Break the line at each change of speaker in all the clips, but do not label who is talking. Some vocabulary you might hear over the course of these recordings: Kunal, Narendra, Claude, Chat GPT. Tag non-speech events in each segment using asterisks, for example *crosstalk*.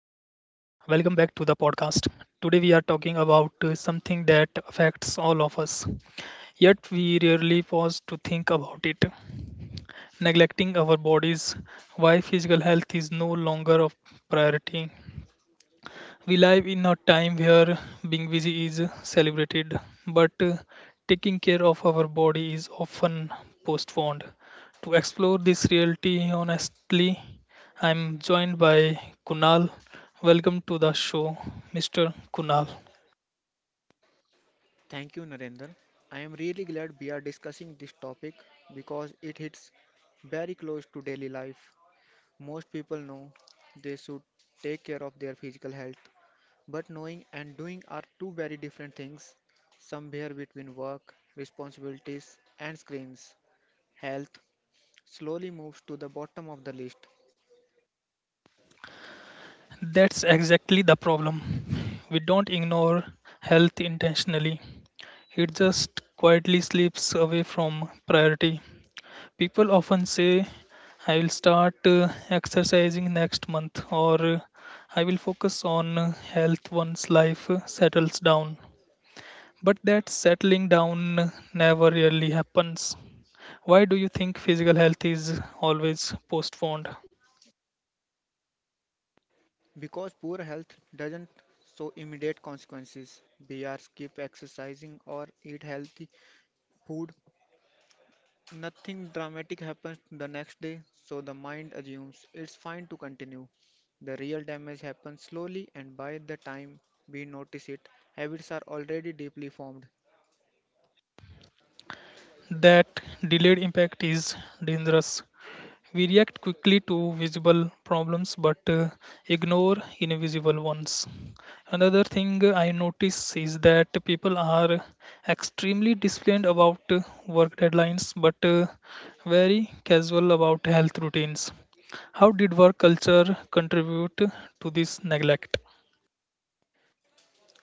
Welcome back to the podcast. Today, we are talking about something that affects all of us, yet, we rarely pause to think about it. Neglecting our bodies, why physical health is no longer a priority. We live in a time where being busy is celebrated, but taking care of our body is often postponed. To explore this reality honestly, I'm joined by Kunal. Welcome to the show, Mr. Kunal.
Thank you, Narendra. I am really glad we are discussing this topic because it hits very close to daily life. Most people know they should take care of their physical health, but knowing and doing are two very different things, somewhere between work, responsibilities, and screens. Health slowly moves to the bottom of the list
That's exactly the problem. We don't ignore health intentionally, it just quietly slips away from priority. People often say, I will start exercising next month, or I will focus on health once life settles down. But that settling down never really happens. Why do you think physical health is always postponed?
because poor health doesn't show immediate consequences. We are skip exercising or eat healthy food. Nothing dramatic happens the next day, so the mind assumes it's fine to continue. The real damage happens slowly, and by the time we notice it, habits are already deeply formed.
That delayed impact is dangerous. We react quickly to visible problems but ignore invisible ones. Another thing I notice is that people are extremely disciplined about work deadlines but very casual about health routines. How did work culture contribute to this neglect?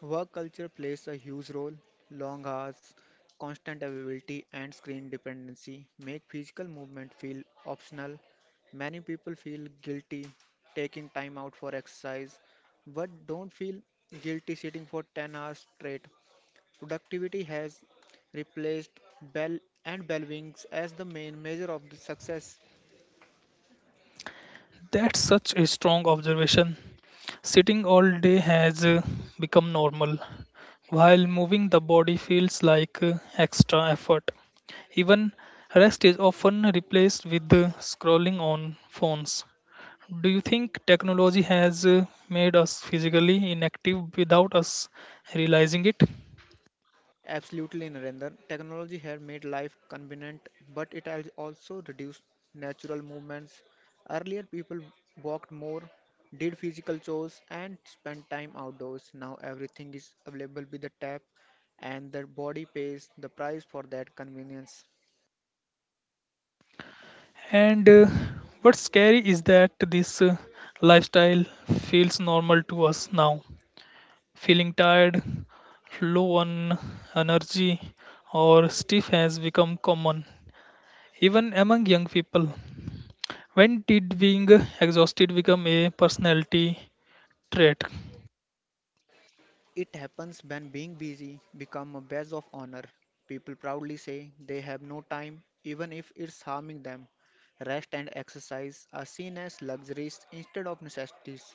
Work culture plays a huge role. Long hours, constant availability, and screen dependency make physical movement feel optional. Many people feel guilty taking time out for exercise, but don't feel guilty sitting for 10 hours straight. Productivity has replaced bell and bell wings as the main measure of the success.
That's such a strong observation. Sitting all day has become normal, while moving the body feels like extra effort. Even rest is often replaced with scrolling on phones. Do you think technology has made us physically inactive without us realizing it?
Absolutely, Narendra. Technology has made life convenient, but it has also reduced natural movements. Earlier, people walked more, did physical chores, and spent time outdoors. Now, everything is available with a tap, and the body pays the price for that convenience.
And what's scary is that this lifestyle feels normal to us now. Feeling tired, low on energy, or stiff has become common, even among young people. When did being exhausted become a personality trait?
It happens when being busy become a badge of honor. People proudly say they have no time, even if it's harming them. Rest and exercise are seen as luxuries instead of necessities.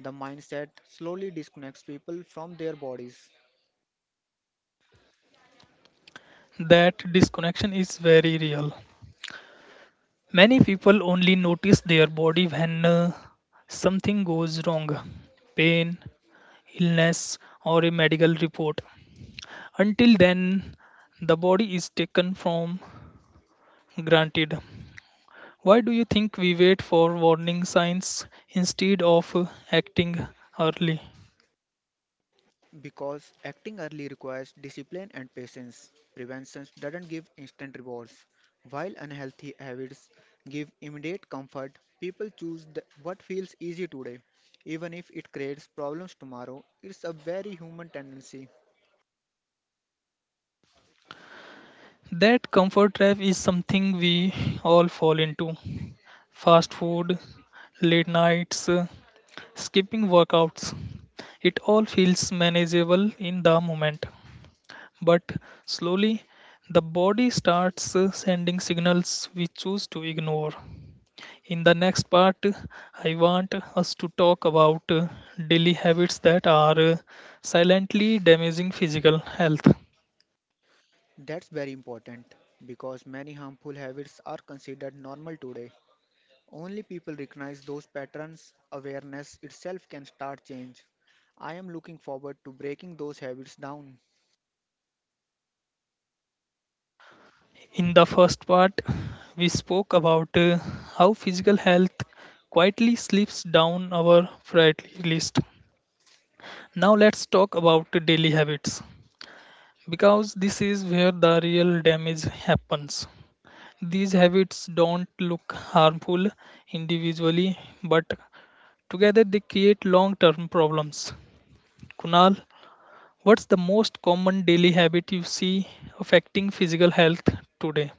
The mindset slowly disconnects people from their bodies.
That disconnection is very real. Many people only notice their body when something goes wrong: pain, illness, or a medical report. Until then, the body is taken from granted. Why do you think we wait for warning signs instead of acting early?
Because acting early requires discipline and patience. Prevention doesn't give instant rewards. While unhealthy habits give immediate comfort, people choose what feels easy today, even if it creates problems tomorrow. It's a very human tendency.
That comfort trap is something we all fall into. Fast food, late nights, skipping workouts. It all feels manageable in the moment. But slowly, the body starts sending signals we choose to ignore. In the next part, I want us to talk about daily habits that are silently damaging physical health.
That's very important because many harmful habits are considered normal today. Only people recognize those patterns, awareness itself can start change. I am looking forward to breaking those habits down.
In the first part, we spoke about how physical health quietly slips down our priority list. Now let's talk about daily habits because this is where the real damage happens. These habits don't look harmful individually, but together, they create long term problems. Kunal, what's the most common daily habit you see affecting physical health today?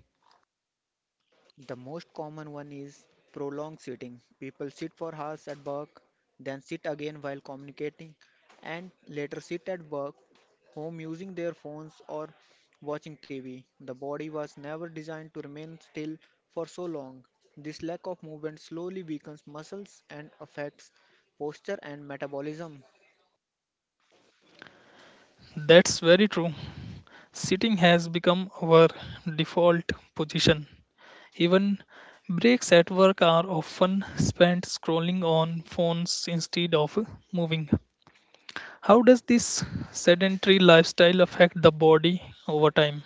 The most common one is prolonged sitting. People sit for hours at work, then sit again while communicating, and later sit at work, home using their phones or watching TV. The body was never designed to remain still for so long. This lack of movement slowly weakens muscles and affects posture and metabolism.
That's very true. Sitting has become our default position. Even breaks at work are often spent scrolling on phones instead of moving. How does this sedentary lifestyle affect the body over time?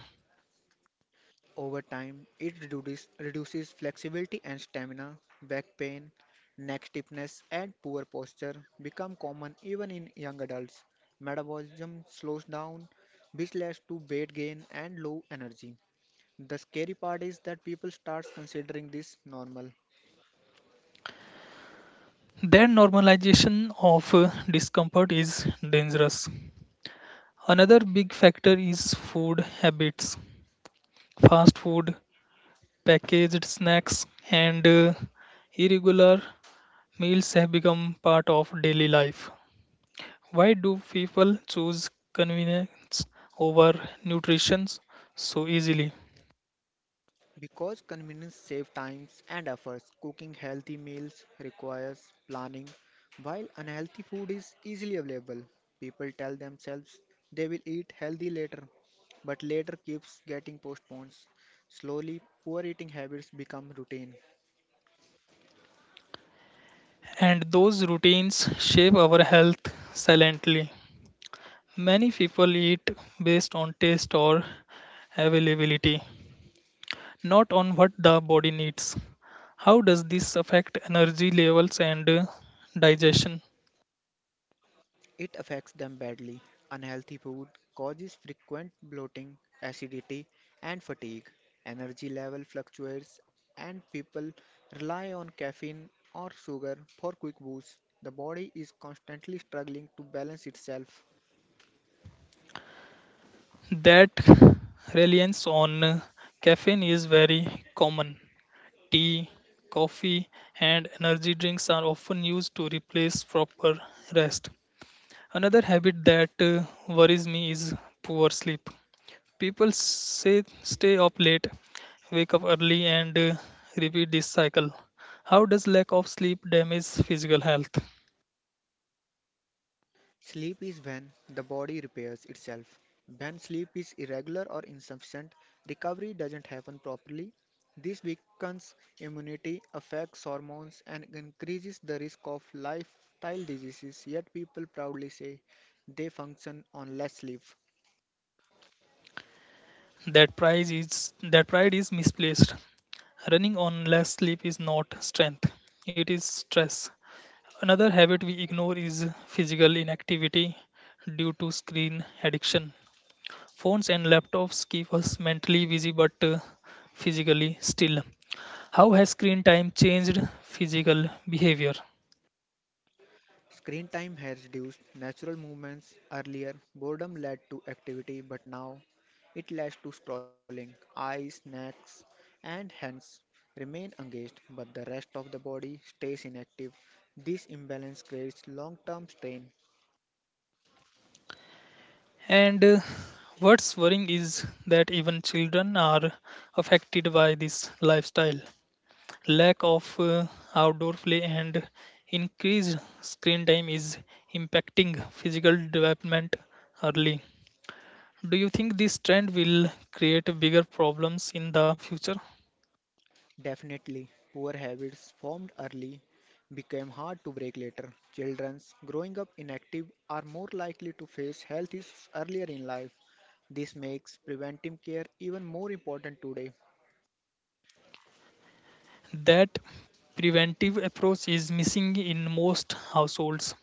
Over time, it reduces flexibility and stamina. Back pain, neck stiffness, and poor posture become common even in young adults. Metabolism slows down, which leads to weight gain and low energy. The scary part is that people start considering this normal.
Their normalization of discomfort is dangerous. Another big factor is food habits. Fast food, packaged snacks, and irregular meals have become part of daily life. Why do people choose convenience over nutrition so easily?
Because convenience saves times and efforts, cooking healthy meals requires planning, while unhealthy food is easily available. People tell themselves they will eat healthy later, but later keeps getting postponed. Slowly, poor eating habits become routine.
And those routines shape our health silently. Many people eat based on taste or availability, not on what the body needs. How does this affect energy levels and digestion?
It affects them badly. Unhealthy food causes frequent bloating, acidity, and fatigue. Energy level fluctuates, and people rely on caffeine or sugar for quick boosts. The body is constantly struggling to balance itself.
That reliance on caffeine is very common. Tea, coffee, and energy drinks are often used to replace proper rest. Another habit that worries me is poor sleep. People say stay up late, wake up early, and repeat this cycle. How does lack of sleep damage physical health?
Sleep is when the body repairs itself. When sleep is irregular or insufficient, recovery doesn't happen properly. This weakens immunity, affects hormones, and increases the risk of lifestyle diseases. Yet people proudly say they function on less sleep.
That pride is misplaced. Running on less sleep is not strength. It is stress. Another habit we ignore is physical inactivity due to screen addiction. Phones and laptops keep us mentally busy but physically still. How has screen time changed physical behavior?
Screen time has reduced natural movements. Earlier, boredom led to activity, but now it leads to scrolling. Eyes, necks, and hands remain engaged, but the rest of the body stays inactive. This imbalance creates long term strain.
And what's worrying is that even children are affected by this lifestyle. Lack of outdoor play and increased screen time is impacting physical development early. Do you think this trend will create bigger problems in the future?
Definitely, poor habits formed early became hard to break later. Children growing up inactive are more likely to face health issues earlier in life. This makes preventive care even more important today.
That preventive approach is missing in most households.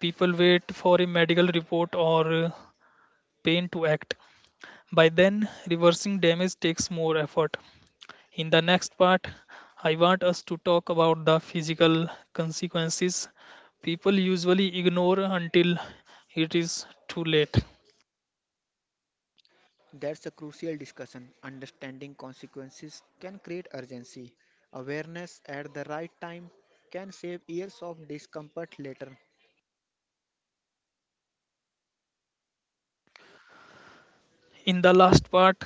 People wait for a medical report or pain to act. By then, reversing damage takes more effort. In the next part, I want us to talk about the physical consequences people usually ignore until it is too late.
That's a crucial discussion. Understanding consequences can create urgency. Awareness at the right time can save years of discomfort later.
In the last part,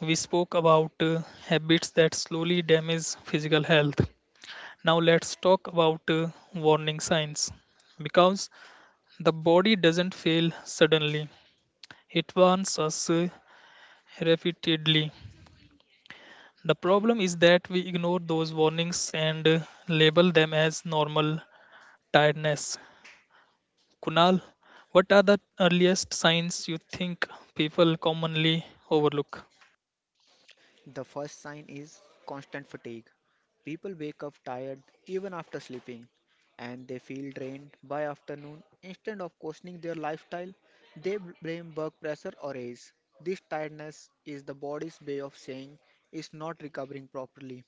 we spoke about habits that slowly damage physical health. Now, let's talk about warning signs because the body doesn't fail suddenly, it warns us repeatedly. The problem is that we ignore those warnings and label them as normal tiredness. Kunal, what are the earliest signs you think people commonly overlook?
The first sign is constant fatigue. People wake up tired even after sleeping, and they feel drained by afternoon. Instead of questioning their lifestyle, they blame work pressure or age. This tiredness is the body's way of saying it's not recovering properly.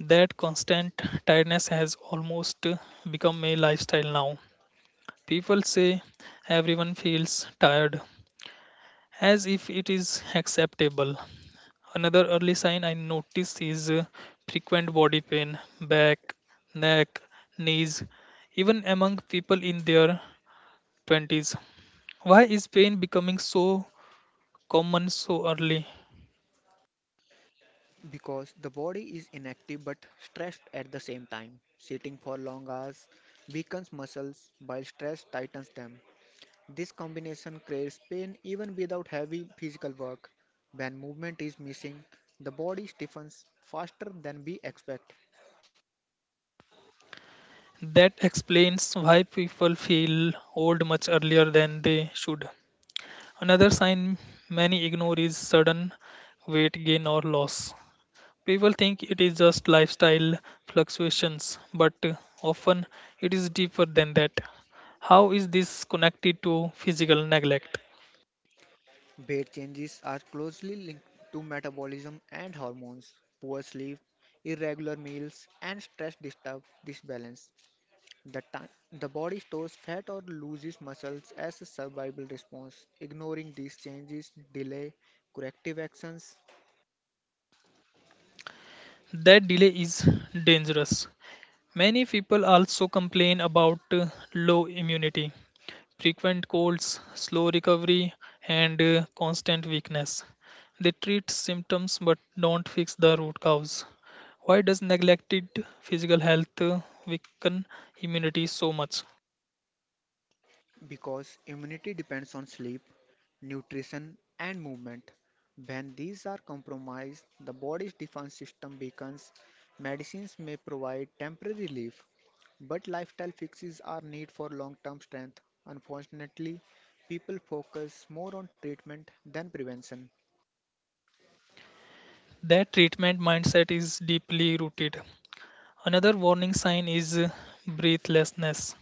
That constant tiredness has almost become a lifestyle now. People say everyone feels tired as if it is acceptable. Another early sign I notice is frequent body pain, back, neck, knees, even among people in their 20s. Why is pain becoming so common so early?
Because the body is inactive but stressed at the same time. Sitting for long hours weakens muscles while stress tightens them. This combination creates pain even without heavy physical work. When movement is missing, the body stiffens faster than we expect.
That explains why people feel old much earlier than they should. Another sign many ignore is sudden weight gain or loss. People think it is just lifestyle fluctuations, but often it is deeper than that. How is this connected to physical neglect?
Weight changes are closely linked to metabolism and hormones. Poor sleep, irregular meals, and stress disturb this balance. The body stores fat or loses muscles as a survival response. Ignoring these changes delay corrective actions
That delay is dangerous. Many people also complain about low immunity, frequent colds, slow recovery, and constant weakness. They treat symptoms but don't fix the root cause. Why does neglected physical health weaken immunity so much?
because immunity depends on sleep, nutrition, and movement. When these are compromised, the body's defense system weakens. Medicines may provide temporary relief, but lifestyle fixes are need for long-term strength. Unfortunately, people focus more on treatment than prevention.
Their treatment mindset is deeply rooted. Another warning sign is breathlessness.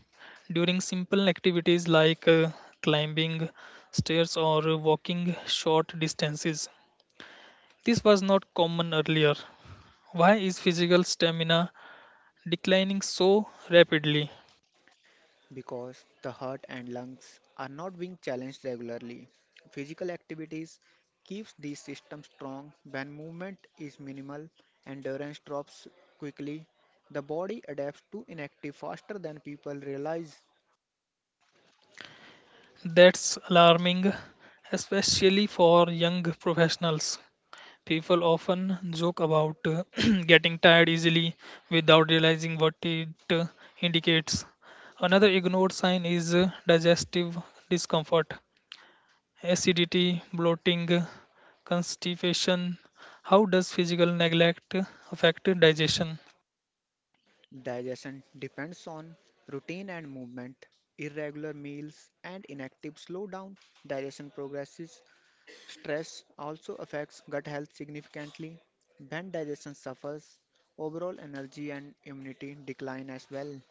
During simple activities like climbing stairs or walking short distances, this was not common earlier. Why is physical stamina declining so rapidly?
Because the heart and lungs are not being challenged regularly. Physical activities keeps these systems strong when movement is minimal, endurance drops quickly, the body adapts to inactive faster than people realize.
That's alarming, especially for young professionals. People often joke about *clears throat* getting tired easily without realizing what it indicates. Another ignored sign is digestive discomfort, acidity, bloating, constipation. How does physical neglect affect digestion?
Digestion depends on routine and movement. Irregular meals and inactive slow down digestion progresses. Stress also affects gut health significantly. Bad digestion suffers, overall energy and immunity decline as well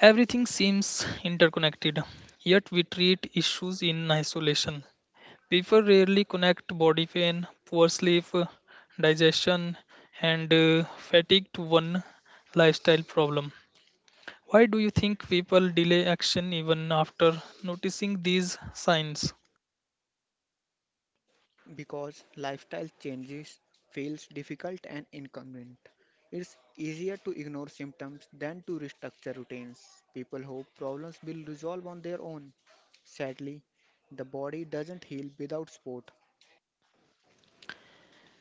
Everything seems interconnected, yet we treat issues in isolation. People rarely connect body pain, poor sleep, digestion, and fatigue to one lifestyle problem. Why do you think people delay action even after noticing these signs?
because lifestyle changes feels difficult and inconvenient. It's easier to ignore symptoms than to restructure routines. People hope problems will resolve on their own. Sadly, the body doesn't heal without support.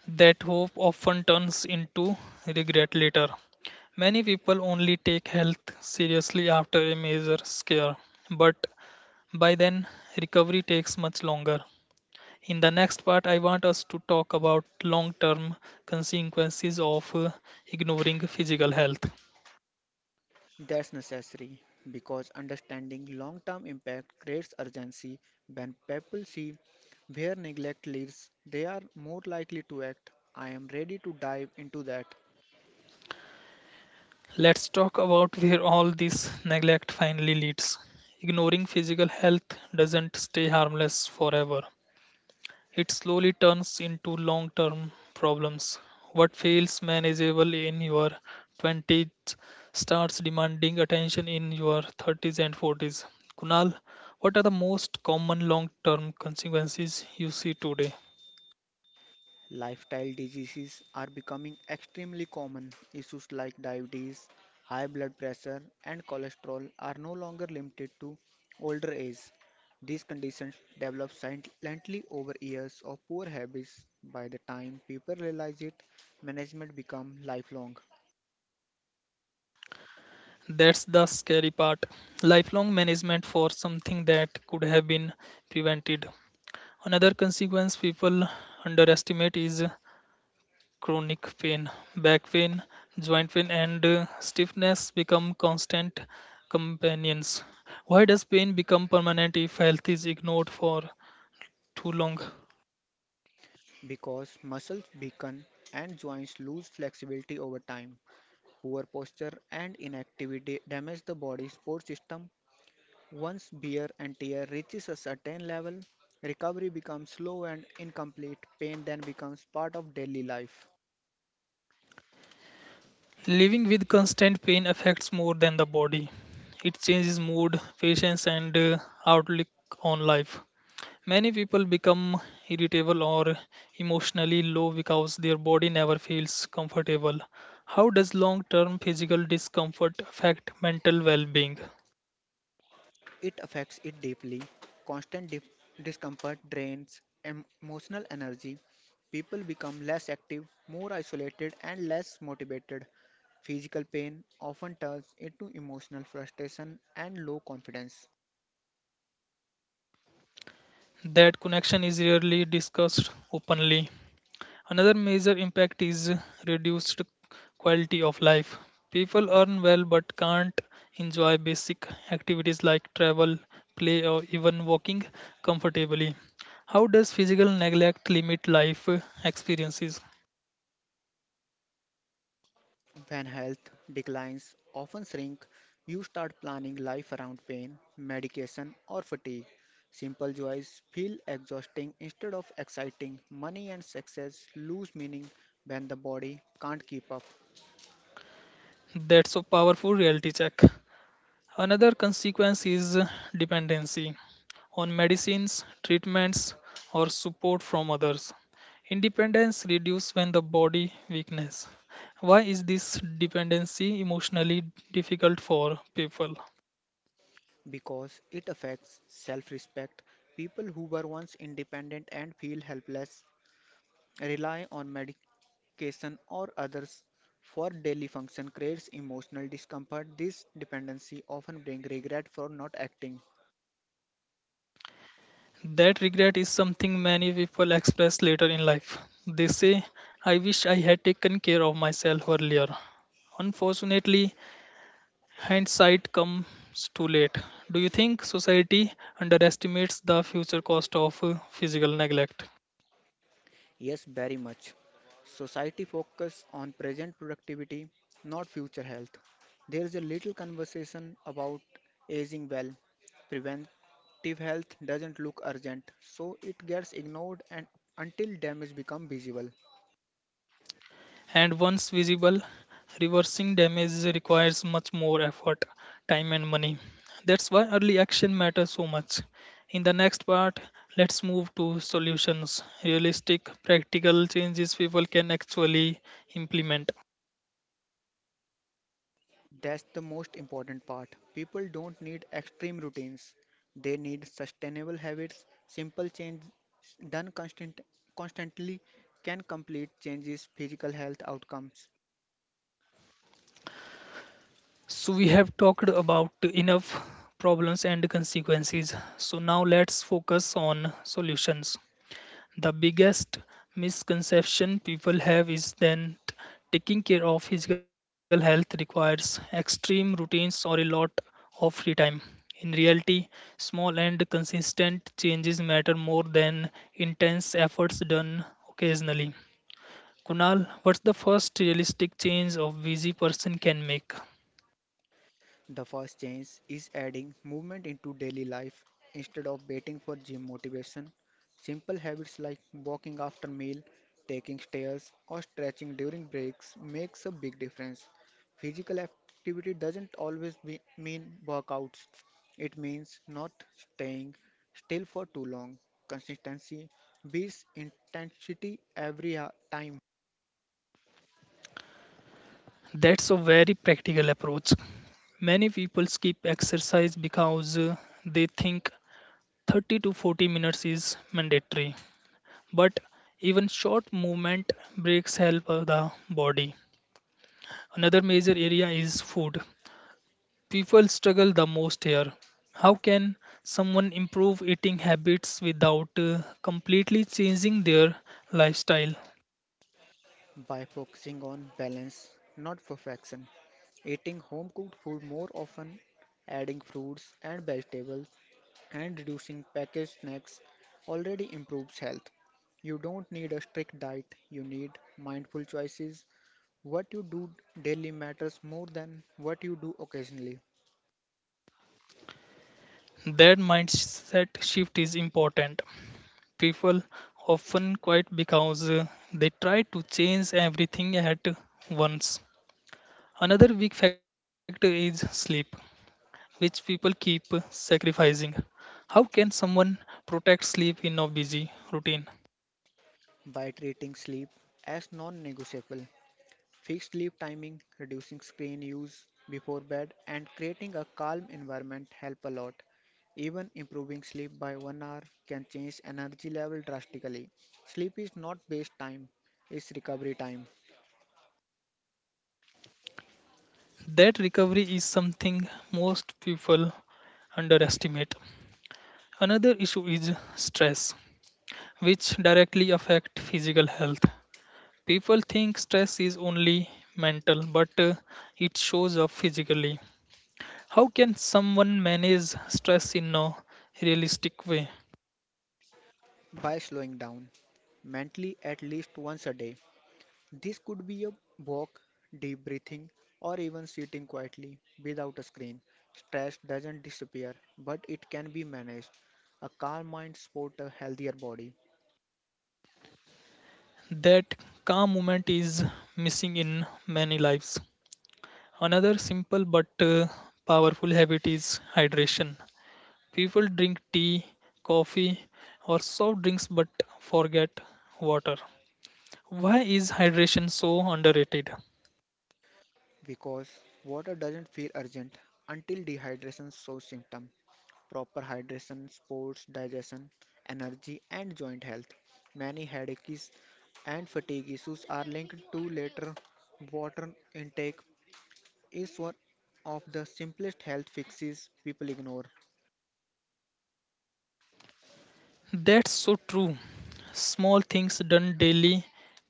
That hope often turns into regret later. Many people only take health seriously after a major scare, but by then recovery takes much longer. In the next part, I want us to talk about long term consequences of ignoring physical health.
That's necessary because understanding long term impact creates urgency. When people see where neglect leads, they are more likely to act. I am ready to dive into that.
Let's talk about where all this neglect finally leads. Ignoring physical health doesn't stay harmless forever, it slowly turns into long term problems. What feels manageable in your 20s starts demanding attention in your 30s and 40s. Kunal, what are the most common long term consequences you see today?
Lifestyle diseases are becoming extremely common. Issues like diabetes, high blood pressure, and cholesterol are no longer limited to older age. These conditions develop silently over years of poor habits. By the time people realize it, management becomes lifelong
That's the scary part. Lifelong management for something that could have been prevented. Another consequence people underestimate is chronic pain. Back pain, joint pain, and stiffness become constant companions. Why does pain become permanent if health is ignored for too long?
because muscles weaken and joints lose flexibility over time. Poor posture and inactivity damage the body's support system. Once beer and tear reaches a certain level, recovery becomes slow and incomplete. Pain then becomes part of daily life.
Living with constant pain affects more than the body. It changes mood, patience, and outlook on life. Many people become irritable or emotionally low because their body never feels comfortable. How does long term physical discomfort affect mental well being?
It affects it deeply. Constant discomfort drains emotional energy. People become less active, more isolated, and less motivated. Physical pain often turns into emotional frustration and low confidence.
That connection is rarely discussed openly. Another major impact is reduced quality of life. People earn well but can't enjoy basic activities like travel, play, or even walking comfortably. How does physical neglect limit life experiences?
When health declines, often shrink, you start planning life around pain, medication, or fatigue. Simple joys feel exhausting instead of exciting. Money and success lose meaning when the body can't keep up
That's a powerful reality check. Another consequence is dependency on medicines, treatments, or support from others. Independence reduces when the body weakness. Why is this dependency emotionally difficult for people?
because it affects self respect. People who were once independent and feel helpless rely on medication or others for daily function creates emotional discomfort. This dependency often brings regret for not acting.
That regret is something many people express later in life. They say, I wish I had taken care of myself earlier. Unfortunately, hindsight comes too late. Do you think society underestimates the future cost of physical neglect?
Yes, very much. Society focus on present productivity, not future health. There is a little conversation about aging well. Preventive health doesn't look urgent, so it gets ignored and until damage become visible.
And once visible, reversing damage requires much more effort, time, and money. That's why early action matters so much. In the next part, let's move to solutions realistic, practical changes people can actually implement.
That's the most important part. People don't need extreme routines. They need sustainable habits. Simple change done constantly can complete changes physical health outcomes.
So we have talked about enough problems and consequences. So now let's focus on solutions. The biggest misconception people have is that taking care of physical health requires extreme routines or a lot of free time. In reality, small and consistent changes matter more than intense efforts done occasionally. Kunal, what's the first realistic change a busy person can make?
The first change is adding movement into daily life instead of waiting for gym motivation. Simple habits like walking after meal, taking stairs, or stretching during breaks makes a big difference. Physical activity doesn't always be, mean workouts. It means not staying still for too long. Consistency beats intensity time
That's a very practical approach. Many people skip exercise because they think 30 to 40 minutes is mandatory. But even short movement breaks help the body. Another major area is food. People struggle the most here. How can someone improve eating habits without completely changing their lifestyle?
by focusing on balance, not perfection. Eating home cooked food more often, adding fruits and vegetables, and reducing packaged snacks already improves health. You don't need a strict diet, you need mindful choices. What you do daily matters more than what you do occasionally.
That mindset shift is important. People often quit because they try to change everything at once. Another big factor is sleep, which people keep sacrificing. How can someone protect sleep in a busy routine?
By treating sleep as non negotiable, fixed sleep timing, reducing screen use before bed, and creating a calm environment help a lot. Even improving sleep by one hour can change energy level drastically. Sleep is not waste time, it's recovery time
That recovery is something most people underestimate. Another issue is stress, which directly affect physical health. People think stress is only mental, but it shows up physically. How can someone manage stress in a realistic way?
by slowing down mentally at least once a day. This could be a walk, deep breathing, or even sitting quietly without a screen. Stress doesn't disappear, but it can be managed. A calm mind supports a healthier body.
That calm moment is missing in many lives. Another simple but powerful habit is hydration. People drink tea, coffee, or soft drinks but forget water. Why is hydration so underrated?
Because water doesn't feel urgent until dehydration shows symptom. Proper hydration, supports digestion, energy, and joint health. Many headaches and fatigue issues are linked to later water intake is one of the simplest health fixes people ignore.
That's so true. Small things done daily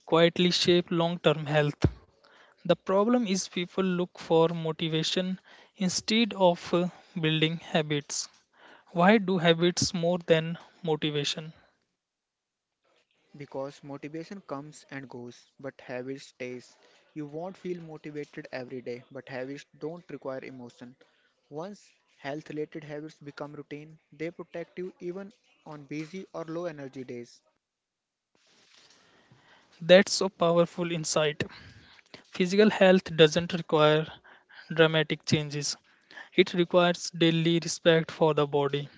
quietly shape long term health. The problem is people look for motivation instead of building habits. Why do habits more than motivation?
Because motivation comes and goes, but habit stays. You won't feel motivated every day, but habits don't require emotion. Once health related habits become routine, they protect you even on busy or low energy days.
That's a powerful insight. Physical health doesn't require dramatic changes. It requires daily respect for the body.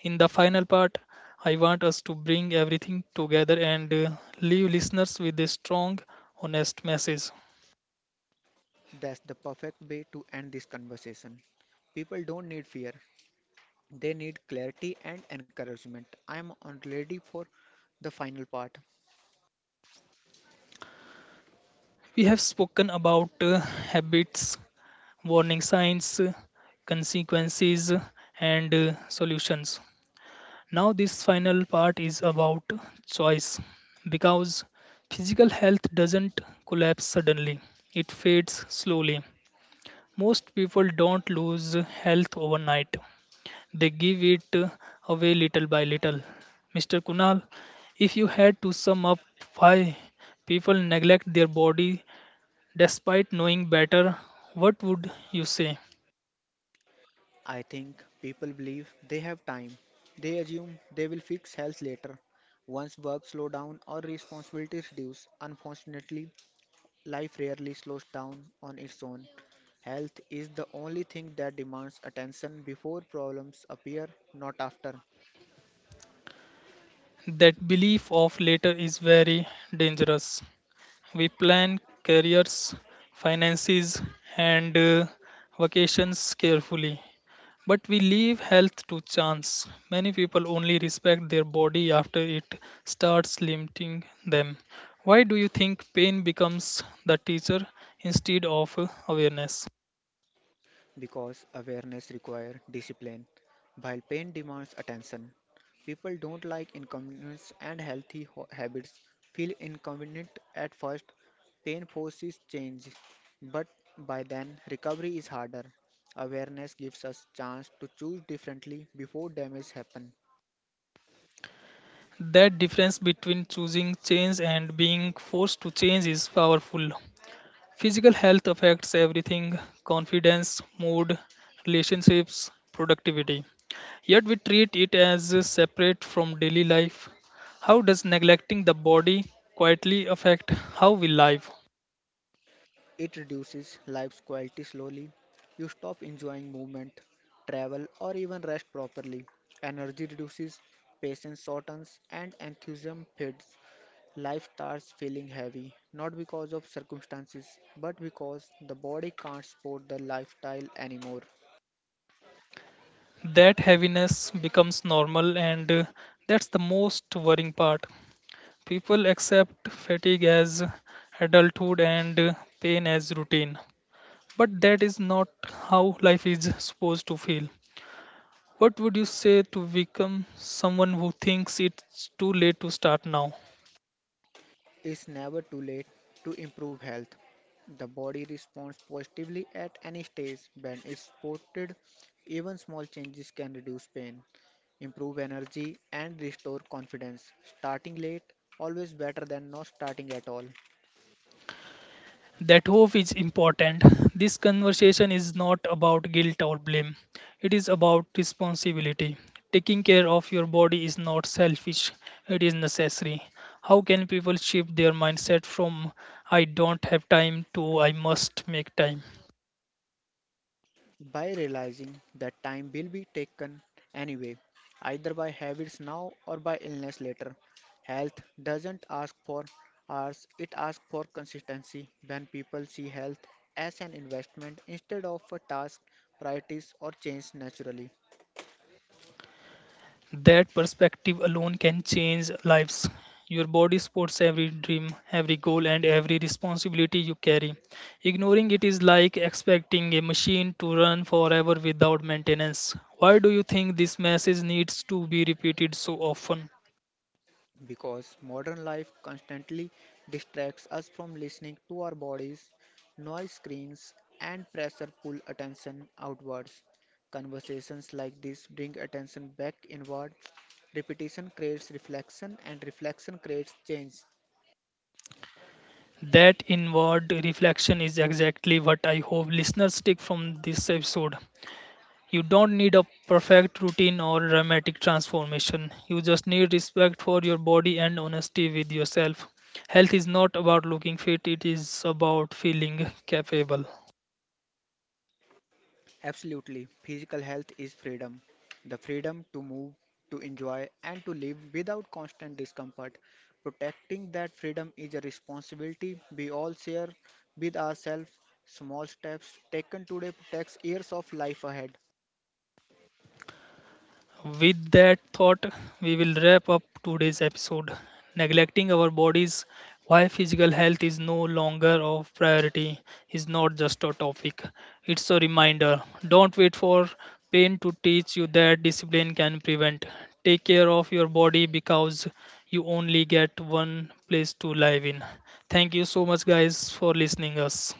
In the final part, I want us to bring everything together and leave listeners with a strong, honest message.
That's the perfect way to end this conversation. People don't need fear, they need clarity and encouragement. I'm on ready for the final part.
We have spoken about habits, warning signs, consequences, and solutions. Now, this final part is about choice because physical health doesn't collapse suddenly, it fades slowly. Most people don't lose health overnight, they give it away little by little. Mr. Kunal, if you had to sum up why people neglect their body despite knowing better, what would you say?
I think people believe they have time. They assume they will fix health later. Once work slow down or responsibilities reduce, unfortunately, life rarely slows down on its own. Health is the only thing that demands attention before problems appear, not after.
That belief of later is very dangerous. We plan careers, finances, and vacations carefully, but we leave health to chance. Many people only respect their body after it starts limiting them. Why do you think pain becomes the teacher instead of awareness?
Because awareness requires discipline. While pain demands attention, people don't like inconvenience and healthy habits feel inconvenient at first. Pain forces change, but by then recovery is harder. Awareness gives us chance to choose differently before damage happen.
That difference between choosing change and being forced to change is powerful. Physical health affects everything: confidence, mood, relationships, productivity. Yet we treat it as separate from daily life. How does neglecting the body quietly affect how we live?
It reduces life's quality slowly. You stop enjoying movement, travel, or even rest properly. Energy reduces, patience shortens, and enthusiasm fades. Life starts feeling heavy, not because of circumstances, but because the body can't support the lifestyle anymore.
That heaviness becomes normal, and that's the most worrying part. People accept fatigue as adulthood and pain as routine. But that is not how life is supposed to feel. What would you say to become someone who thinks it's too late to start now?
It's never too late to improve health. The body responds positively at any stage when it's supported. Even small changes can reduce pain, improve energy, and restore confidence. Starting late always better than not starting at all.
That hope is important. This conversation is not about guilt or blame, it is about responsibility. Taking care of your body is not selfish, it is necessary. How can people shift their mindset from I don't have time to I must make time?
By realizing that time will be taken anyway, either by habits now or by illness later. Health doesn't ask for hours, it asks for consistency. When people see health as an investment instead of a task, priorities or change naturally.
That perspective alone can change lives. Your body supports every dream, every goal, and every responsibility you carry. Ignoring it is like expecting a machine to run forever without maintenance. Why do you think this message needs to be repeated so often?
Because modern life constantly distracts us from listening to our bodies, noise screens, and pressure pull attention outwards. Conversations like this bring attention back inward. Repetition creates reflection, and reflection creates change.
That inward reflection is exactly what I hope listeners take from this episode. You don't need a perfect routine or dramatic transformation. You just need respect for your body and honesty with yourself. Health is not about looking fit, it is about feeling capable.
Absolutely. Physical health is freedom. The freedom to move, to enjoy, and to live without constant discomfort. Protecting that freedom is a responsibility we all share with ourselves. Small steps taken today protects years of life ahead.
With that thought, we will wrap up today's episode. Neglecting our bodies, why physical health is no longer of priority, is not just a topic. It's a reminder. Don't wait for pain to teach you that discipline can prevent. Take care of your body because you only get one place to live in. Thank you so much, guys, for listening us.